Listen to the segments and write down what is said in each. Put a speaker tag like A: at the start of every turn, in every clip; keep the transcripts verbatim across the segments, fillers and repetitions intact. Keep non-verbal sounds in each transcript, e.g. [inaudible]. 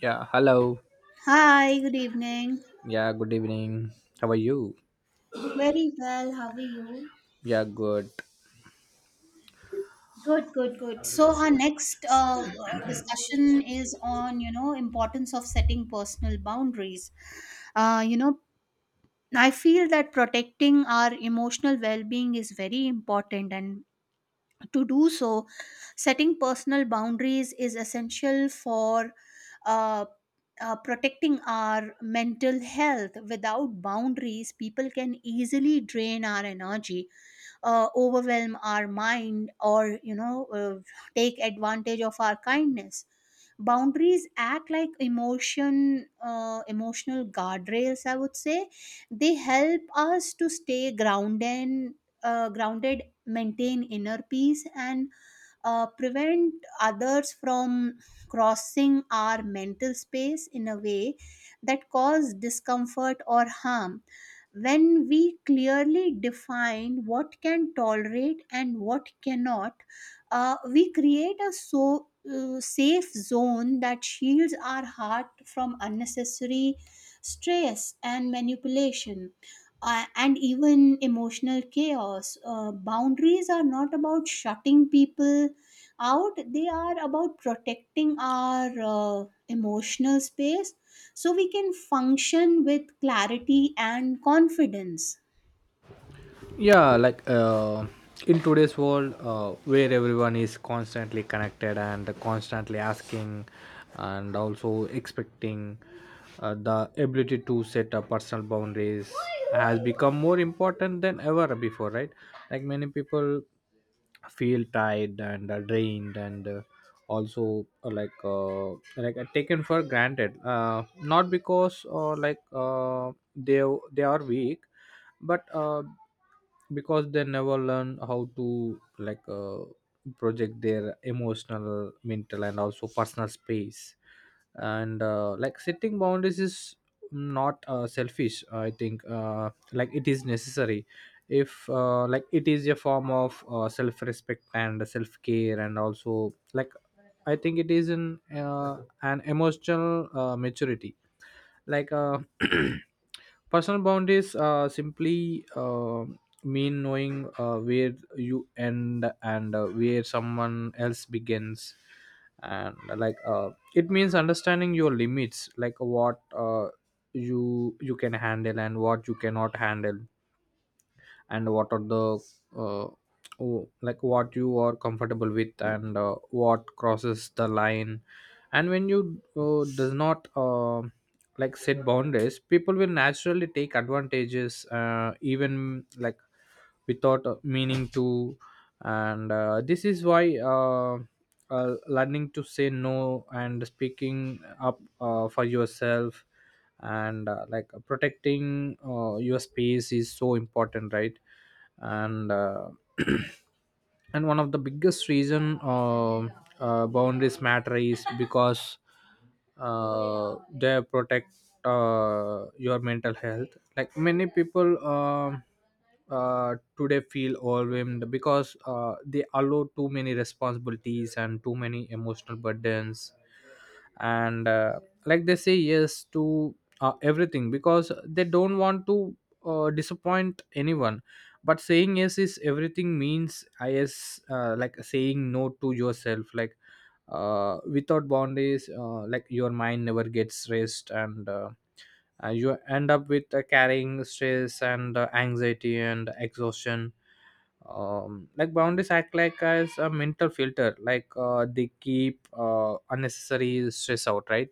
A: Yeah, hello.
B: Hi, good evening.
A: Yeah, good evening. How are you?
B: Very well. How are you?
A: Yeah, good.
B: Good, good, good. So our next uh, uh, discussion is on, you know, importance of setting personal boundaries. Uh, you know, I feel that protecting our emotional well-being is very important, and to do so, setting personal boundaries is essential for uh, uh, protecting our mental health. Without boundaries, people can easily drain our energy, uh, overwhelm our mind, or you know uh, take advantage of our kindness. Boundaries act like emotion uh, emotional guardrails, I would say. They help us to stay grounded, uh, grounded maintain inner peace, and uh, prevent others from crossing our mental space in a way that cause discomfort or harm. When we clearly define what can tolerate and what cannot, uh, we create a so uh, safe zone that shields our heart from unnecessary stress and manipulation, uh, and even emotional chaos. Uh, boundaries are not about shutting people out, they are about protecting our uh, emotional space so we can function with clarity and confidence.
A: yeah like uh, in today's world, uh, where everyone is constantly connected and constantly asking and also expecting, uh, the ability to set up personal boundaries has become more important than ever before, right? Like, many people feel tired and uh, drained and uh, also uh, like uh, like uh, taken for granted, uh, not because, uh, like uh, they they are weak, but uh, because they never learn how to, like uh, project their emotional, mental and also personal space. And uh, Like, setting boundaries is not, uh, selfish. I think, uh, like, it is necessary. If uh, Like, it is a form of, uh, self respect and self care, and also, like, I think it is an, uh, an emotional, uh, maturity. Like uh, [clears throat] personal boundaries, uh, simply um mean knowing, uh, where you end and uh, where someone else begins. And uh, like uh, It means understanding your limits, like what, uh, you you can handle and what you cannot handle, and what are the, uh, oh, like, what you are comfortable with and uh, what crosses the line. And when you uh, does not, uh, like, set boundaries, people will naturally take advantages, uh, even like, without uh, meaning to. And uh, This is why, uh, uh, learning to say no and speaking up, uh, for yourself, and uh, like, protecting, uh, your space is so important, right? and uh, [clears throat] And one of the biggest reason, uh, uh, boundaries matter is because, uh, they protect, uh, your mental health. Like, many people, um, uh, today feel overwhelmed because, uh, they allow too many responsibilities and too many emotional burdens. And uh, Like, they say yes to, uh, everything because they don't want to, uh, disappoint anyone. But saying yes is everything means I is, uh, like, saying no to yourself. Like uh, without boundaries, uh, like, your mind never gets rest, and uh, uh, you end up with, uh, carrying stress and, uh, anxiety and exhaustion. Um, like, boundaries act like as a mental filter. Like, uh, they keep, uh, unnecessary stress out, right?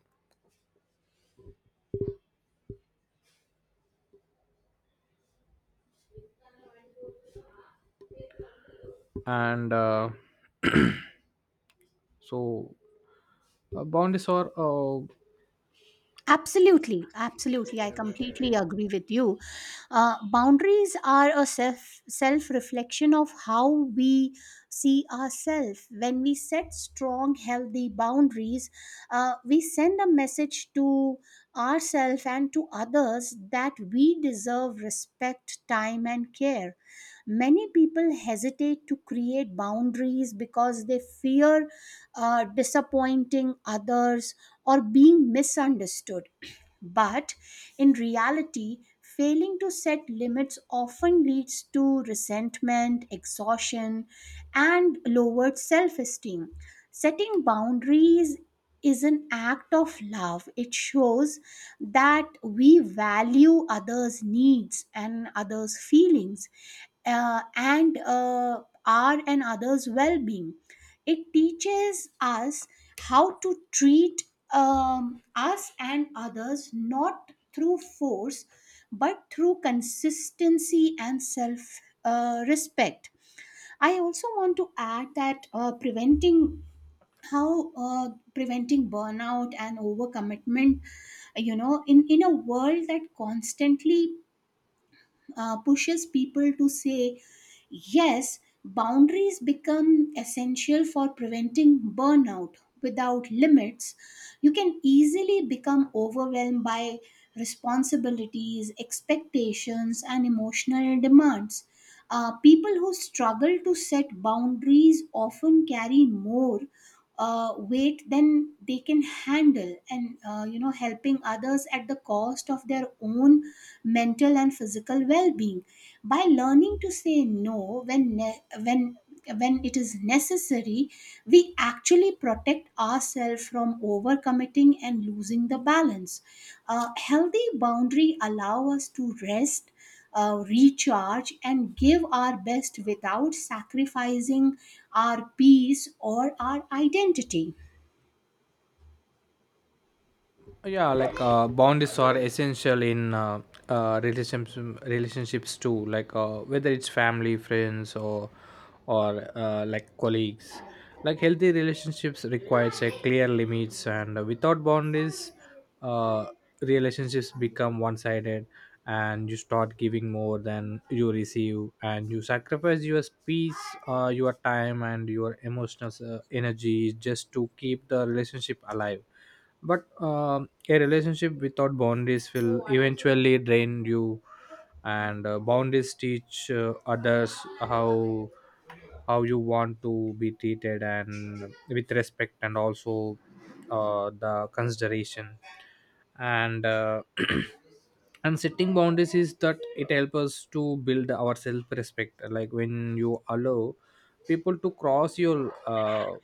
A: and uh, so uh, Boundaries are, uh,
B: Absolutely, absolutely. I completely agree with you. Uh, boundaries are a self self reflection of how we see ourselves. When we set strong, healthy boundaries, uh, we send a message to ourselves and to others that we deserve respect, time, and care. Many people hesitate to create boundaries because they fear uh, disappointing others or being misunderstood. [clears throat] But in reality, failing to set limits often leads to resentment, exhaustion, and lowered self esteem. Setting boundaries is an act of love. It shows that we value others' needs and others' feelings uh, and uh, our and others' well being. It teaches us how to treat um, us and others not through force but through consistency and self uh, respect. I also want to add that uh, preventing how uh, preventing burnout and overcommitment, you know, in in a world that constantly uh, pushes people to say yes. Boundaries become essential for preventing burnout. Without limits you can easily become overwhelmed by responsibilities, expectations, and emotional demands. Uh, people who struggle to set boundaries often carry more uh, weight than they can handle, and, uh, you know, helping others at the cost of their own mental and physical well-being. By learning to say no when ne- when when it is necessary, we actually protect ourselves from overcommitting and losing the balance. A healthy boundary allow us to rest, uh, recharge, and give our best without sacrificing our peace or our identity.
A: yeah like uh, boundaries are essential in, uh, uh, relationships relationships too. Like, uh, whether it's family, friends or or uh, like, colleagues, like, healthy relationships requires a clear limits. And without boundaries, uh, relationships become one-sided, and you start giving more than you receive, and you sacrifice your peace, uh, your time and your emotional, uh, energy just to keep the relationship alive. But um, a relationship without boundaries will eventually drain you. And uh, boundaries teach, uh, others how how you want to be treated, and with respect and also, uh, the consideration. And uh, [clears throat] And setting boundaries is that it helps us to build our self respect. Like, when you allow people to cross your, uh,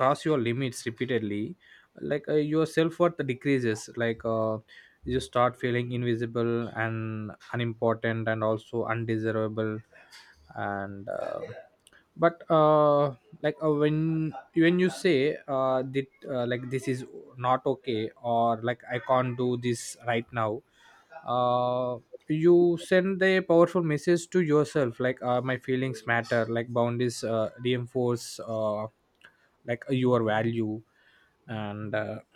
A: cross your limits repeatedly, like uh, your self worth decreases. Like uh, you start feeling invisible and unimportant and also undesirable. And uh, but uh, like uh, when when you say, uh, that, uh, like, this is not okay, or like, I can't do this right now, uh, you send a powerful message to yourself, like, uh, my feelings matter. Like, boundaries uh, reinforce, uh, like, your value. And uh, [clears throat]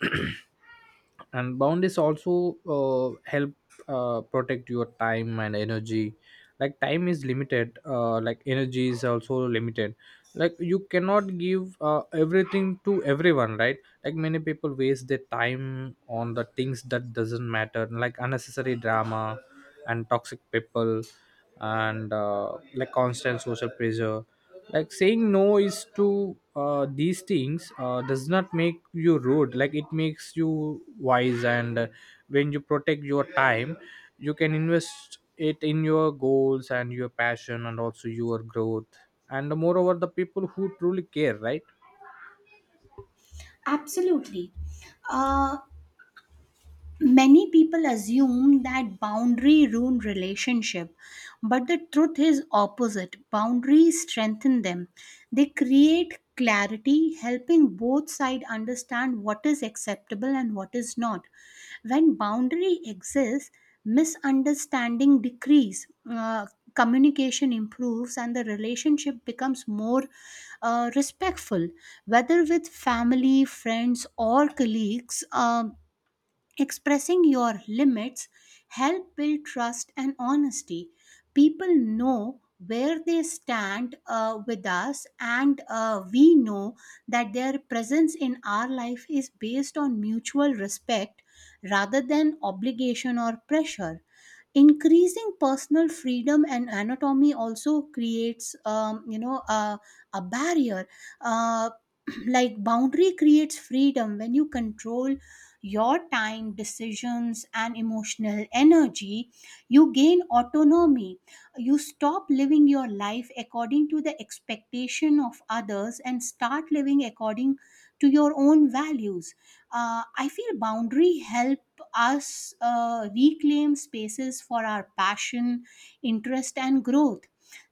A: And boundaries also, uh, help, uh, protect your time and energy. Like, time is limited, uh, like, energy is also limited. Like, you cannot give, uh, everything to everyone, right? Like, many people waste their time on the things that doesn't matter, like unnecessary drama, and toxic people, and uh, like, constant social pressure. Like, saying no is to, uh, these things, uh, does not make you rude. Like, it makes you wise. And uh, when you protect your time, you can invest it in your goals and your passion, and also your growth, and moreover the people who truly care, right?
B: Absolutely. Uh, Many people assume that boundary ruin relationship, but the truth is opposite. Boundaries strengthen them. They create clarity, helping both sides understand what is acceptable and what is not. When boundary exists, misunderstanding decrease, uh, communication improves, and the relationship becomes more uh, respectful. Whether with family, friends, or colleagues, um expressing your limits help build trust and honesty. People know where they stand uh, with us, and uh, we know that their presence in our life is based on mutual respect rather than obligation or pressure. Increasing personal freedom and anatomy also creates, um, you know, uh, a barrier. Uh, [clears throat] like boundary creates freedom. When you control your time, decisions, and emotional energy, you gain autonomy. You stop living your life according to the expectation of others and start living according to your own values. Uh, I feel boundary help us uh, reclaim spaces for our passion, interest, and growth.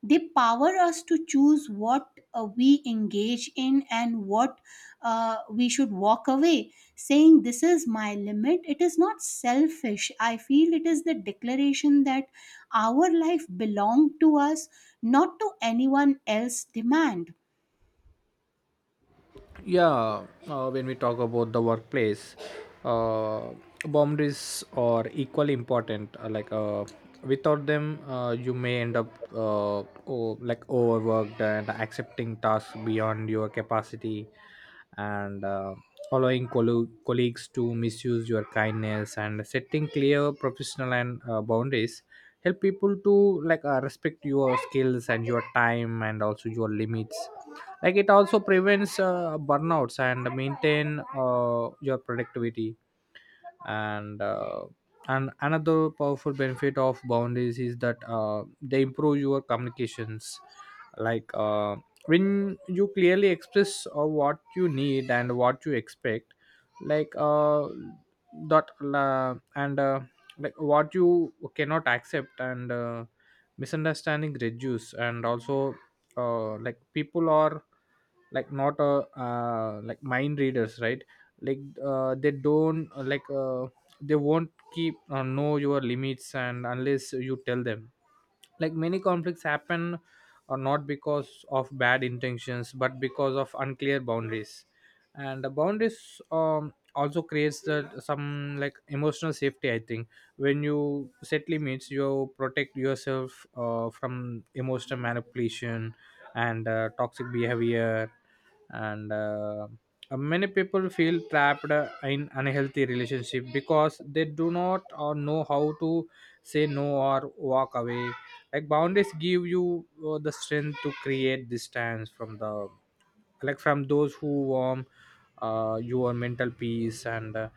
B: They power us to choose what uh, we engage in and what uh, we should walk away. Saying this is my limit, it is not selfish. I feel it is the declaration that our life belonged to us, not to anyone else demand.
A: Yeah uh, when we talk about the workplace, uh, boundaries are equally important. Uh, like uh, without them, uh, you may end up, uh, oh, like, overworked, and accepting tasks beyond your capacity, and uh, allowing collo- colleagues to misuse your kindness. And setting clear professional and, uh, boundaries help people to, like uh, respect your skills and your time and also your limits. Like, it also prevents, uh, burnouts and maintain, uh, your productivity. and uh, and another powerful benefit of boundaries is that, uh, they improve your communications. Like uh, when you clearly express, uh, what you need and what you expect, like uh, that uh, and uh, like what you cannot accept, and uh, misunderstanding reduce. And also, uh, like, people are, like, not a, uh, like, mind readers, right? Like uh, they don't, uh, like uh, they won't keep, uh, know your limits, and unless you tell them, like, many conflicts happen, or not because of bad intentions but because of unclear boundaries. And the boundaries um, also creates the some like emotional safety, I think. When you set limits, you protect yourself, uh, from emotional manipulation, and uh, toxic behavior. And uh, uh, Many people feel trapped, uh, in unhealthy relationship because they do not or know how to say no or walk away. Like, boundaries give you, uh, the strength to create distance from the, like, from those who warm, uh, your mental peace. and uh,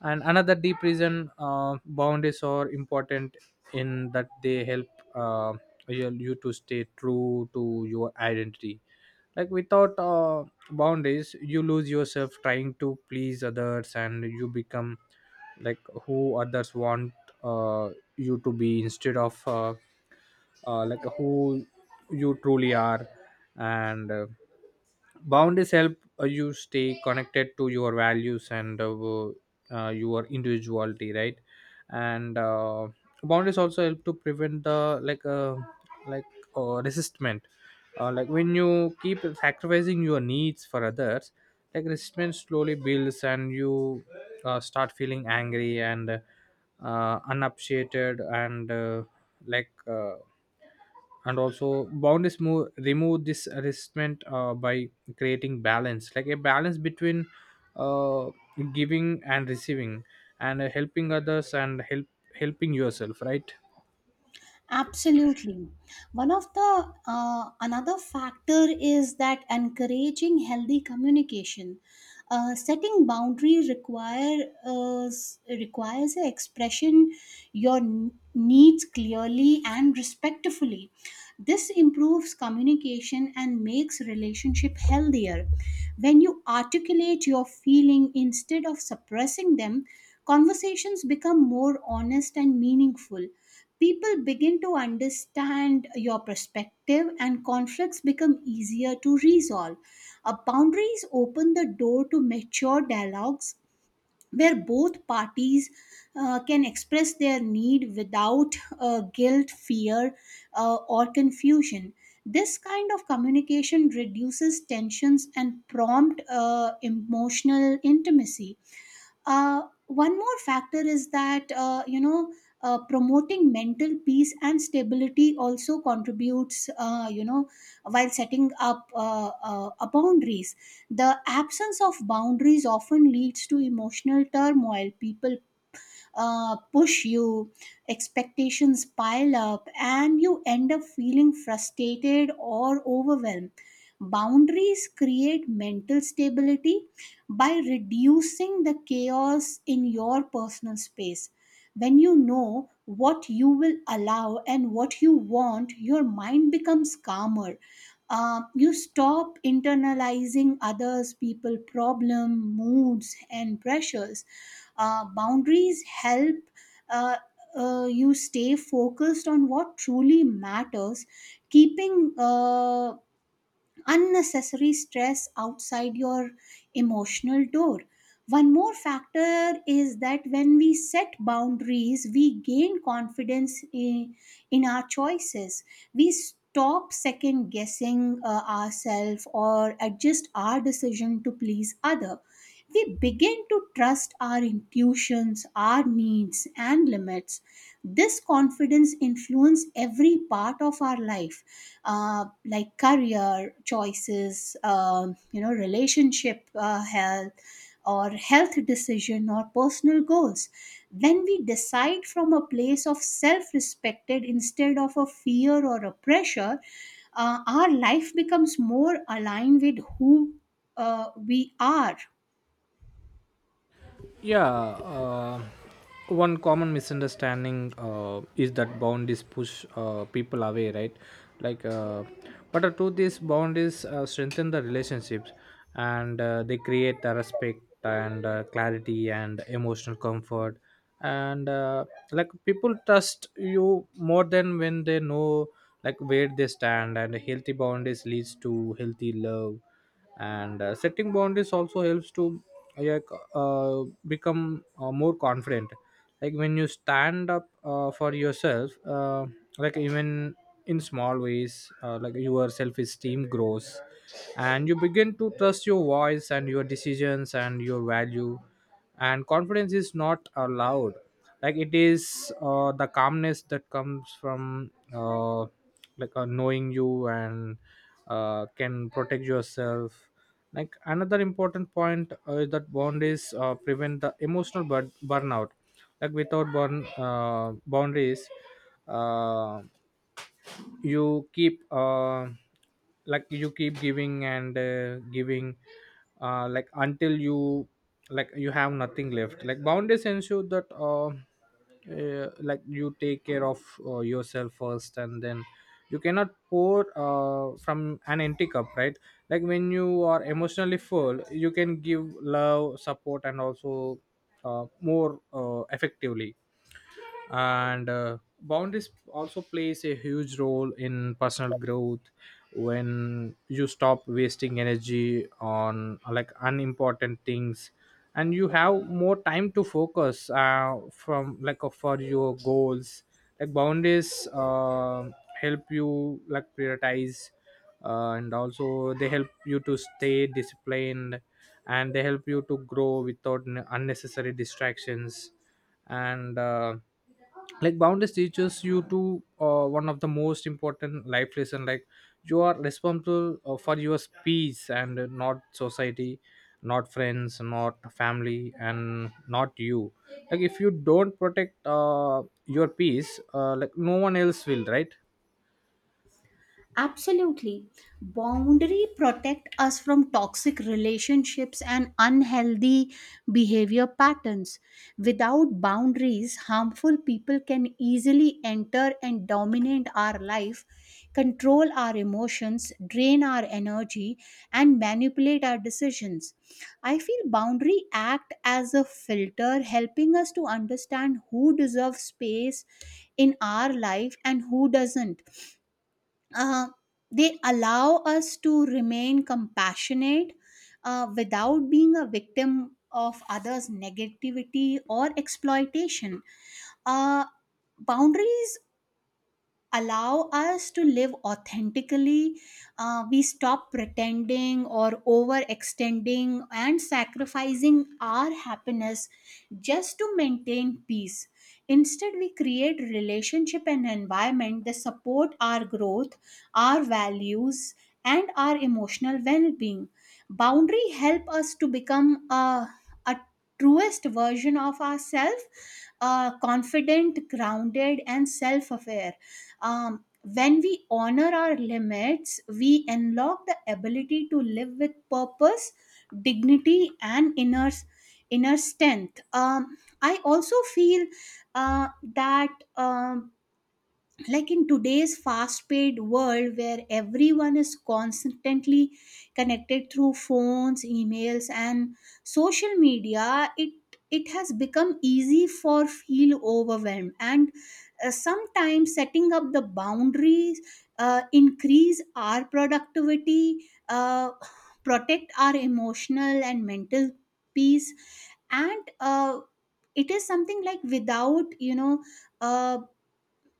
A: And another deep reason, uh, boundaries are important in that they help, uh, you you to stay true to your identity. Like, without, uh, boundaries, you lose yourself trying to please others, and you become like, who others want, uh, you to be, instead of, uh, uh, like, who you truly are. And uh, boundaries help, uh, you stay connected to your values, and uh, uh, your individuality, right? And uh, boundaries also help to prevent the, like uh, like uh, resistment. Uh, like, when you keep sacrificing your needs for others, like, resistment slowly builds, and you, uh, start feeling angry and, uh, unappreciated and, uh, like uh, and also, boundaries move, remove this restraint, uh, by creating balance, like a balance between, uh, giving and receiving, and uh, helping others and help helping yourself, right?
B: Absolutely. One of the uh, another factor is that encouraging healthy communication. Uh, setting boundary require uh, s- requires a expression your n- needs clearly and respectfully. This improves communication and makes relationship healthier. When you articulate your feeling instead of suppressing them, conversations become more honest and meaningful. People begin to understand your perspective, and conflicts become easier to resolve. Uh, boundaries open the door to mature dialogues where both parties uh, can express their need without uh, guilt, fear, uh, or confusion. This kind of communication reduces tensions and prompt uh, emotional intimacy. Uh, one more factor is that, uh, you know uh, promoting mental peace and stability also contributes, uh, you know, while setting up uh, uh, uh, boundaries. The absence of boundaries often leads to emotional turmoil. People uh, push you, expectations pile up, and you end up feeling frustrated or overwhelmed. Boundaries create mental stability by reducing the chaos in your personal space. When you know what you will allow and what you want, your mind becomes calmer. Uh, you stop internalizing others, people, problem, moods, and pressures. Uh, boundaries help uh, uh, you stay focused on what truly matters, keeping uh, unnecessary stress outside your emotional door. One more factor is that when we set boundaries, we gain confidence in, in our choices. We stop second guessing uh, ourselves or adjust our decision to please other. We begin to trust our intuitions, our needs, and limits. This confidence influences every part of our life, uh, like career choices, um, you know, relationship uh, health, or health decision, or personal goals. When we decide from a place of self-respected instead of a fear or a pressure, uh, our life becomes more aligned with who uh, we are.
A: Yeah uh, one common misunderstanding, uh, is that boundaries push, uh, people away, right? like uh, but the truth is, boundaries, uh, strengthen the relationships, and uh, they create the respect, and uh, clarity and emotional comfort. And uh, Like, people trust you more than when they know, like, where they stand, and healthy boundaries leads to healthy love. And uh, setting boundaries also helps to, like uh, become, uh, more confident. Like, when you stand up, uh, for yourself, uh, like, even in small ways, uh, like, your self-esteem grows, and you begin to trust your voice and your decisions and your value. And confidence is not allowed, like, it is, uh, the calmness that comes from, uh, like uh, knowing you and, uh, can protect yourself. Like, another important point, uh, is that boundaries, uh, prevent the emotional bur- burnout. Like, without burn uh, boundaries, uh, you keep, uh, like you keep giving and, uh, giving, uh, like, until you, like, you have nothing left. Like, boundaries ensure that, uh, uh, like, you take care of, uh, yourself first, and then, you cannot pour, uh, from an empty cup, right? Like, when you are emotionally full, you can give love, support, and also, uh, more, uh, effectively. And uh, boundaries also plays a huge role in personal growth. When you stop wasting energy on, like, unimportant things, and you have more time to focus, uh, from like uh, for your goals. Like, boundaries, uh, help you, like, prioritize, uh, and also they help you to stay disciplined, and they help you to grow without n- unnecessary distractions. And uh, Like, boundaries teaches you to, uh, one of the most important life lesson. Like, you are responsible, uh, for your peace, and not society, not friends, not family, and not you. Like, if you don't protect, uh, your peace, uh, like, no one else will, right?
B: Absolutely. Boundary protect us from toxic relationships and unhealthy behavior patterns. Without boundaries, harmful people can easily enter and dominate our life, control our emotions, drain our energy, and manipulate our decisions. I feel boundary act as a filter helping us to understand who deserves space in our life and who doesn't. uh, they allow us to remain compassionate uh, without being a victim of others' negativity or exploitation. Uh, Boundaries allow us to live authentically. Uh, we stop pretending or overextending and sacrificing our happiness just to maintain peace. Instead we create relationship and environment that support our growth, our values, and our emotional well-being. Boundary help us to become a, a truest version of ourselves, uh, confident, grounded, and self-aware. Um, when we honor our limits, we unlock the ability to live with purpose, dignity, and inner inner strength. Um, I also feel uh, that. Um, like in today's fast paced world where everyone is constantly connected through phones, emails, and social media, it it has become easy for feel overwhelmed, and uh, sometimes setting up the boundaries uh, increase our productivity, uh, protect our emotional and mental peace, and uh, it is something like, without, you know, uh,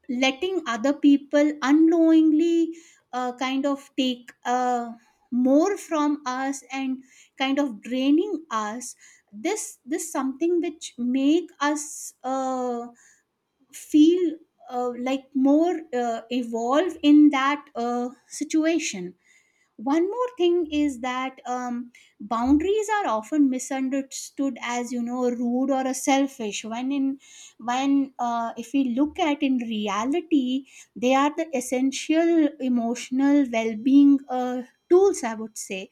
B: letting other people unknowingly uh, kind of take uh, more from us and kind of draining us. This this something which make us uh, feel uh, like more uh, evolve in that uh, situation. One more thing is that, um, boundaries are often misunderstood as, you know, rude or a selfish when in when uh, if we look at in reality they are the essential emotional well-being uh, tools, I would say.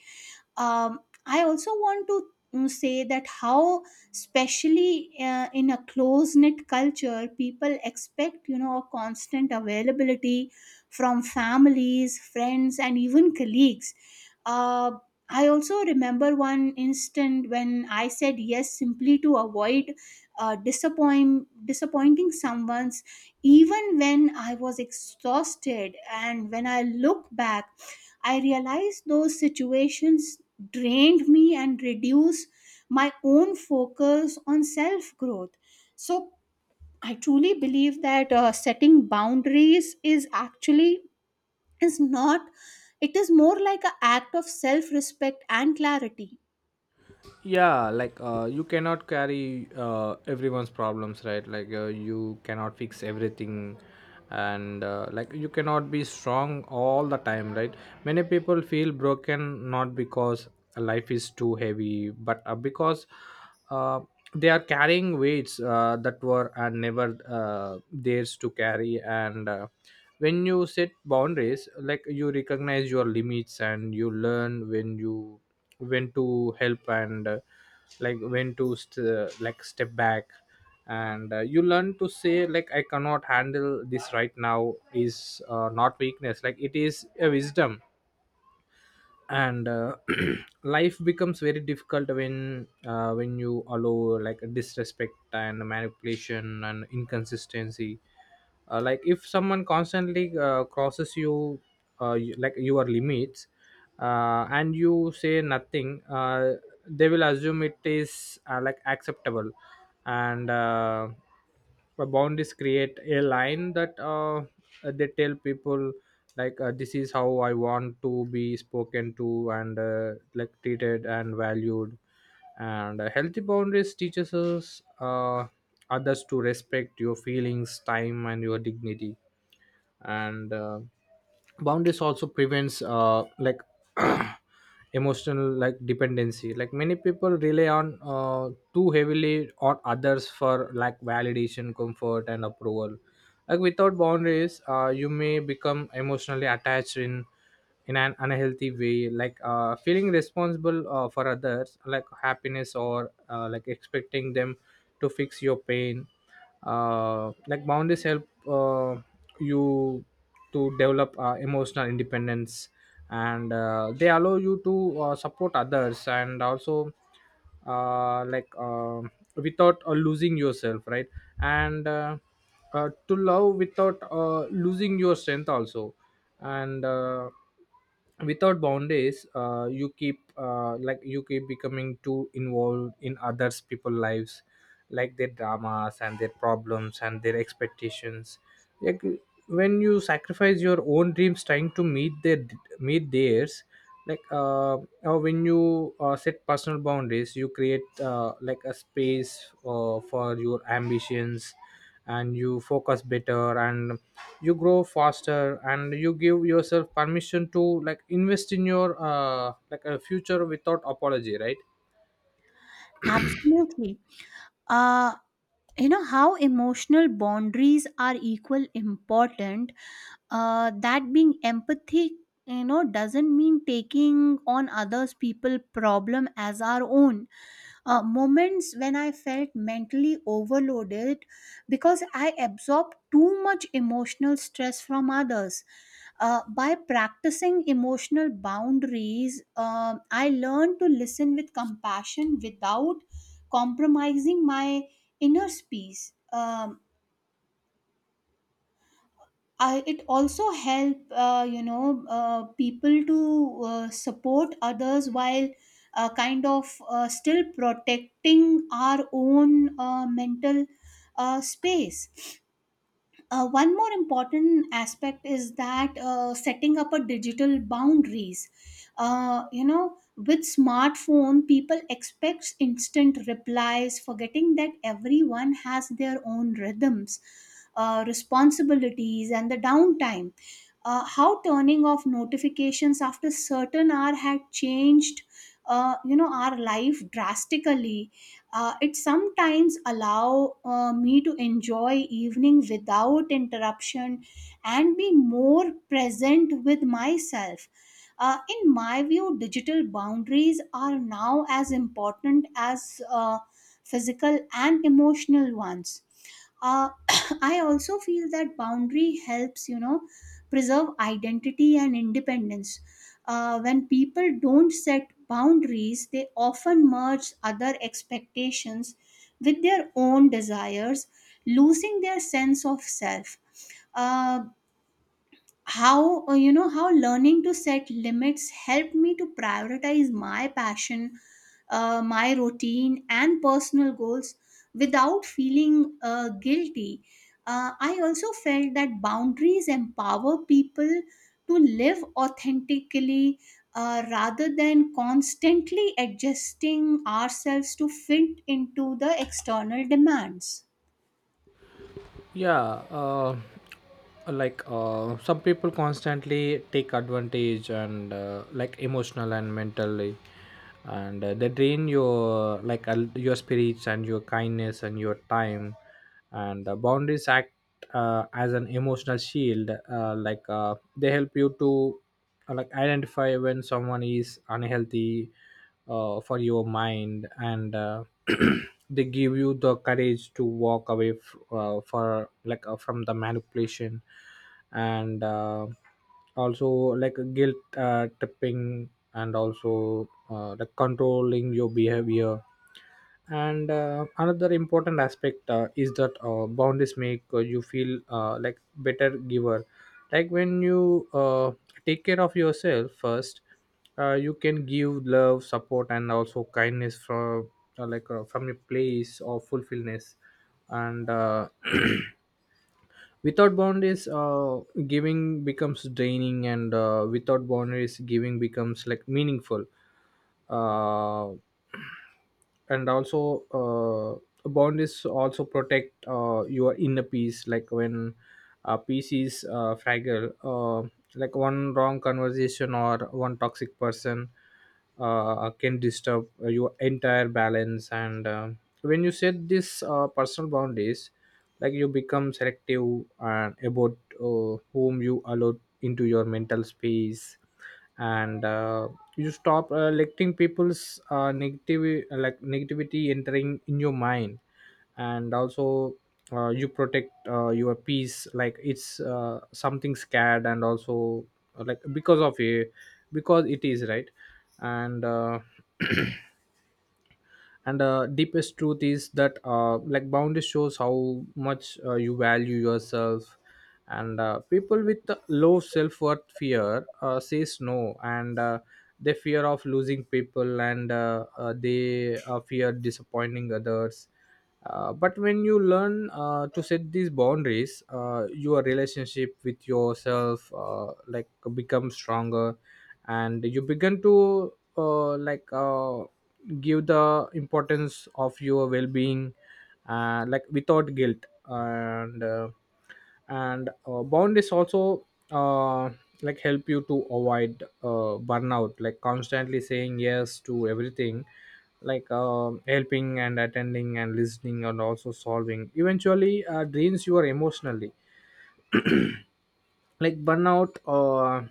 B: um, I also want to mm, say that how, especially uh, in a close knit culture, people expect, you know, a constant availability from families, friends, and even colleagues. Uh, I also remember one instant when I said yes simply to avoid uh, disappoint disappointing someone's, even when I was exhausted. And when I look back, I realized those situations drained me and reduced my own focus on self growth. So I truly believe that uh, setting boundaries is actually is not it is more like an act of self respect and clarity.
A: Yeah like uh, you cannot carry, uh, everyone's problems, right? Like uh, you cannot fix everything, and uh, like, you cannot be strong all the time, right? Many people feel broken not because life is too heavy, but uh, because, uh, they are carrying weights, uh, that were, uh, never, uh, theirs to carry. And uh, when you set boundaries, like, you recognize your limits, and you learn when you, when to help, and uh, like, when to st- uh, like, step back. And uh, you learn to say, like, I cannot handle this right now, is, uh, not weakness, like, it is a wisdom. And uh, [clears throat] Life becomes very difficult when, uh, when you allow, like, disrespect and manipulation and inconsistency. Uh, like, if someone constantly, uh, crosses you, uh, you like your limits, uh, and you Say nothing. Uh, they will assume it is uh, like acceptable. And uh, The boundaries create a line that, uh, they tell people, like, uh, this is how I want to be spoken to and, uh, like, treated and valued. And uh, Healthy boundaries teaches us uh, others to respect your feelings, time and your dignity. And uh, Boundaries also prevents, uh, like, [clears throat] emotional, like, dependency. Like, many people rely on, uh, too heavily on others for, like, validation, comfort and approval. Like, without boundaries, uh, you may become emotionally attached in in an unhealthy way, like, uh, feeling responsible, uh, for others, like, happiness, or, uh, like, expecting them to fix your pain. Uh, like, boundaries help, uh, you to develop, uh, emotional independence, and uh, they allow you to, uh, support others, and also, uh, like um without, uh, losing yourself, right? And uh, uh, to love without, uh, losing your strength also. And uh, Without boundaries, uh, you keep, uh, like, you keep becoming too involved in others people lives, like their dramas and their problems and their expectations. Like, when you sacrifice your own dreams trying to meet their meet theirs. like uh, uh, when you, uh, set personal boundaries, you create, uh, like, a space, uh, for your ambitions, and you focus better, and you grow faster, and you give yourself permission to, like, invest in your, uh, like, a future without apology, right?
B: Absolutely. uh, you know how emotional boundaries are equal important, uh, that being empathy, you know, doesn't mean taking on others people problem as our own. Uh, moments when I felt mentally overloaded because I absorbed too much emotional stress from others. Uh, by practicing emotional boundaries, um I learned to listen with compassion without compromising my inner peace. Um, I, it also help, uh, you know uh, people to uh, support others while uh, kind of uh, still protecting our own uh, mental uh, space. Uh, one more important aspect is that uh, setting up a digital boundaries. Uh, you know, with smartphone, people expect instant replies, forgetting that everyone has their own rhythms, uh, responsibilities, and the downtime. Uh, how turning off notifications after certain hour had changed, uh, you know, our life drastically. Uh, it sometimes allow uh, me to enjoy evening without interruption and be more present with myself. Uh, in my view, digital boundaries are now as important as uh, physical and emotional ones. uh, [coughs] I also feel that boundary helps, you know, preserve identity and independence. Uh, when people don't set boundaries they often merge other expectations with their own desires, losing their sense of self. Uh, how uh, You know how learning to set limits helped me to prioritize my passion, uh, my routine, and personal goals without feeling uh, guilty. uh, I also felt that boundaries empower people to live authentically, uh, rather than constantly adjusting ourselves to fit into the external demands.
A: Yeah. Uh, like, uh, some people constantly take advantage, and, uh, like, emotional and mentally, and uh, they drain your, like, uh, your spirits and your kindness and your time. And the boundaries act, uh, as an emotional shield. Uh, like uh, they help you to, uh, like, identify when someone is unhealthy, uh, for your mind, and uh, [clears throat] they give you the courage to walk away f- uh, for, like, uh, from the manipulation, and uh, also, like, guilt uh, tripping, and also, uh, like, controlling your behavior. And uh, another important aspect, uh, is that, uh, boundaries make, uh, you feel, uh, like, better giver. Like, when you, uh, take care of yourself first, uh, you can give love, support and also kindness from, uh, like, uh, from your place of fulfillment. And uh, [clears throat] Without boundaries, uh, giving becomes draining, and, uh, without boundaries giving becomes like meaningful. uh, and also, uh, boundaries also protect, uh, your inner peace. Like, when, uh, peace is, uh, fragile, uh, like one wrong conversation or one toxic person, uh, can disturb your entire balance. And uh, when you set these, uh, personal boundaries, like, you become selective, and about, uh, whom you allow into your mental space. And uh, you stop, uh, letting people's, uh, negative, uh, like negativity entering in your mind. And also, uh, you protect, uh, your peace like it's, uh, something scared, and also, uh, like, because of a because it is right. and uh, [clears throat] and uh, deepest truth is that, uh, like, boundaries shows how much, uh, you value yourself. And uh, people with low self-worth fear, uh, says no, and, uh, they fear of losing people, and, uh, uh, they, uh, fear disappointing others. Uh, but when you learn, uh, to set these boundaries, uh, your relationship with yourself, uh, like, becomes stronger, and you begin to, uh, like uh, give the importance of your well-being, uh, like, without guilt. And uh, and uh, boundaries also, uh, like, help you to avoid, uh, burnout. Like, constantly saying yes to everything, like, um helping and attending and listening and also solving, eventually, uh, drains you emotionally. Like, burnout, uh,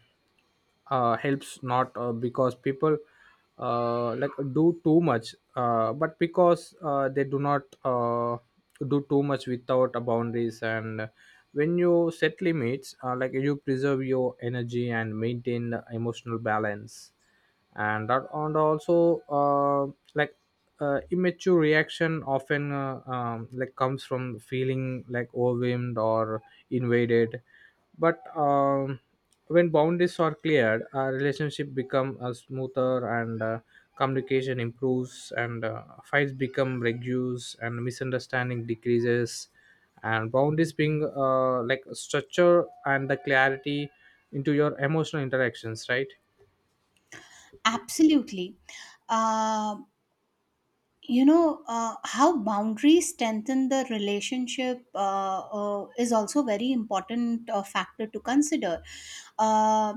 A: uh, helps not, uh, because people, uh, like, do too much, uh, but because, uh, they do not, uh, do too much without a boundaries. And when you set limits, uh, like, you preserve your energy and maintain the emotional balance. And that, and also, uh, like, uh, immature reaction often, uh, um, like, comes from feeling, like, overwhelmed or invaded. But, um, when boundaries are cleared, our relationship become, uh, smoother, and, uh, communication improves, and, uh, fights become reduced, and misunderstanding decreases. And boundaries being, uh, like, structure and the clarity into your emotional interactions, right?
B: Absolutely. Uh, you know uh, how boundaries strengthen the relationship uh, uh, is also very important uh, factor to consider. uh,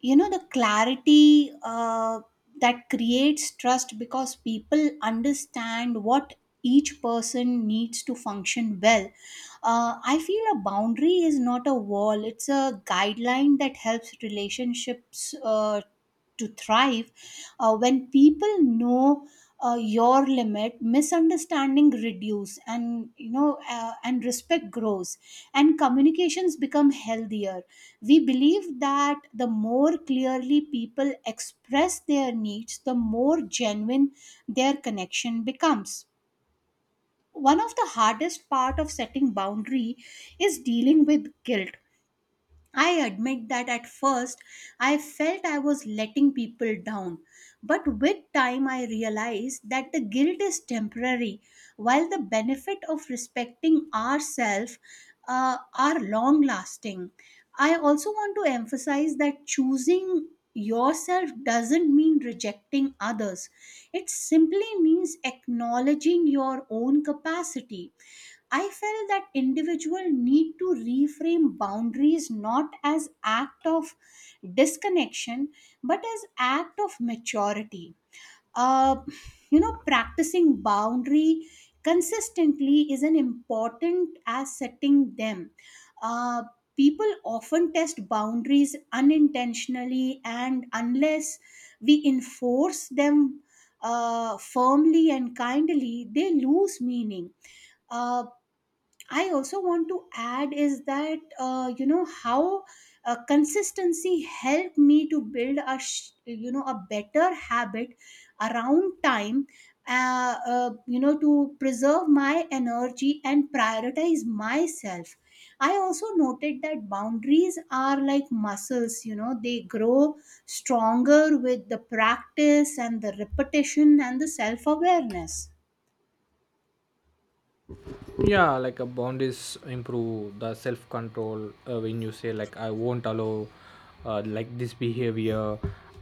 B: you know the clarity uh, that creates trust because people understand what each person needs to function well. uh, I feel a boundary is not a wall, it's a guideline that helps relationships uh, to thrive. Uh, when people know uh, your limit, misunderstanding reduce, and, you know, uh, and respect grows, and communications become healthier. We believe that the more clearly people express their needs, the more genuine their connection becomes. One of the hardest part of setting boundary is dealing with guilt. I admit that at first I felt I was letting people down, but with time I realized that the guilt is temporary, while the benefit of respecting ourselves uh, are long lasting. I also want to emphasize that choosing yourself doesn't mean rejecting others, it simply means acknowledging your own capacity. I felt that individual need to reframe boundaries not as act of disconnection but as act of maturity. Uh, you know, practicing boundary consistently is an important as setting them. Uh, People often test boundaries unintentionally, and unless we enforce them uh, firmly and kindly, they lose meaning. Uh, I also want to add is that, uh, you know, how uh, consistency helped me to build a sh- you know, a better habit around time. Uh, uh, you know, to preserve my energy and prioritize myself. I also noted that boundaries are like muscles. You know, they grow stronger with the practice and the repetition and the self awareness.
A: Yeah. Like, a boundaries improve the self control. Uh, when you say, like, I won't allow, uh, like, this behavior,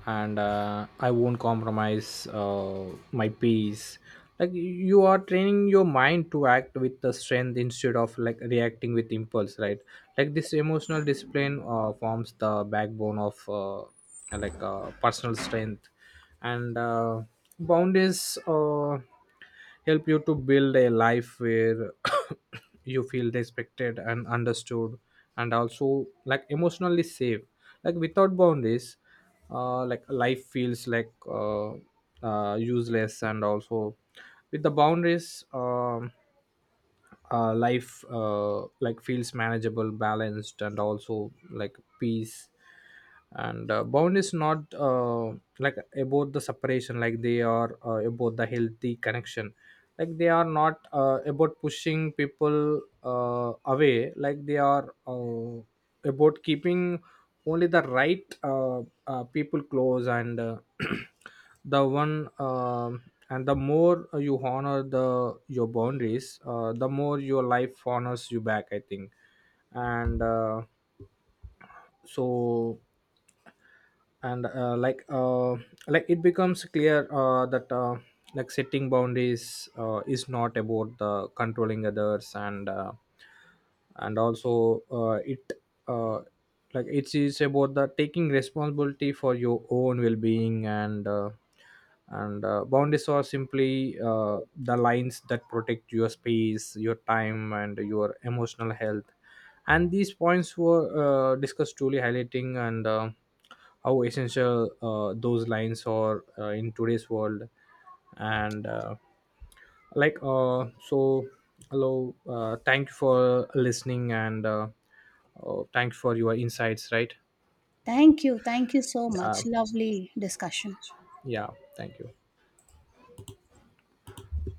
A: and uh, I won't compromise, uh, my peace, like, you are training your mind to act with the strength instead of, like, reacting with impulse, right? Like, this emotional discipline, uh, forms the backbone of, uh, like, uh, personal strength. And uh, Boundaries, uh, help you to build a life where [coughs] you feel respected and understood and also, like, emotionally safe. Like, without boundaries, uh, like life feels, like, uh, uh, useless. And also, with the boundaries, um uh, life, uh, like, feels manageable, balanced, and also like peace. And uh, bound is not, uh, like, about the separation. Like, they are, uh, about the healthy connection. Like, they are not, uh, about pushing people, uh, away. Like, they are, uh, about keeping only the right, uh, uh, people close. And uh, [clears throat] the one, um and the more, uh, you honor the your boundaries, uh, the more your life honors you back, I think. And uh, So, and uh, like uh, like, it becomes clear, uh, that, uh, like, setting boundaries, uh, is not about the controlling others, and uh, and also, uh, it uh, like, it is about the taking responsibility for your own well-being. And uh, and uh, boundaries are simply, uh, the lines that protect your space, your time and your emotional health. And these points were, uh, discussed, truly highlighting, and uh, how essential, uh, those lines are, uh, in today's world. And uh, like uh, So, hello. Uh, thank you for listening, and uh, uh, thank you for your insights, right?
B: Thank you. Thank you so
A: Yeah.
B: much. Lovely discussion.
A: Yeah, thank you.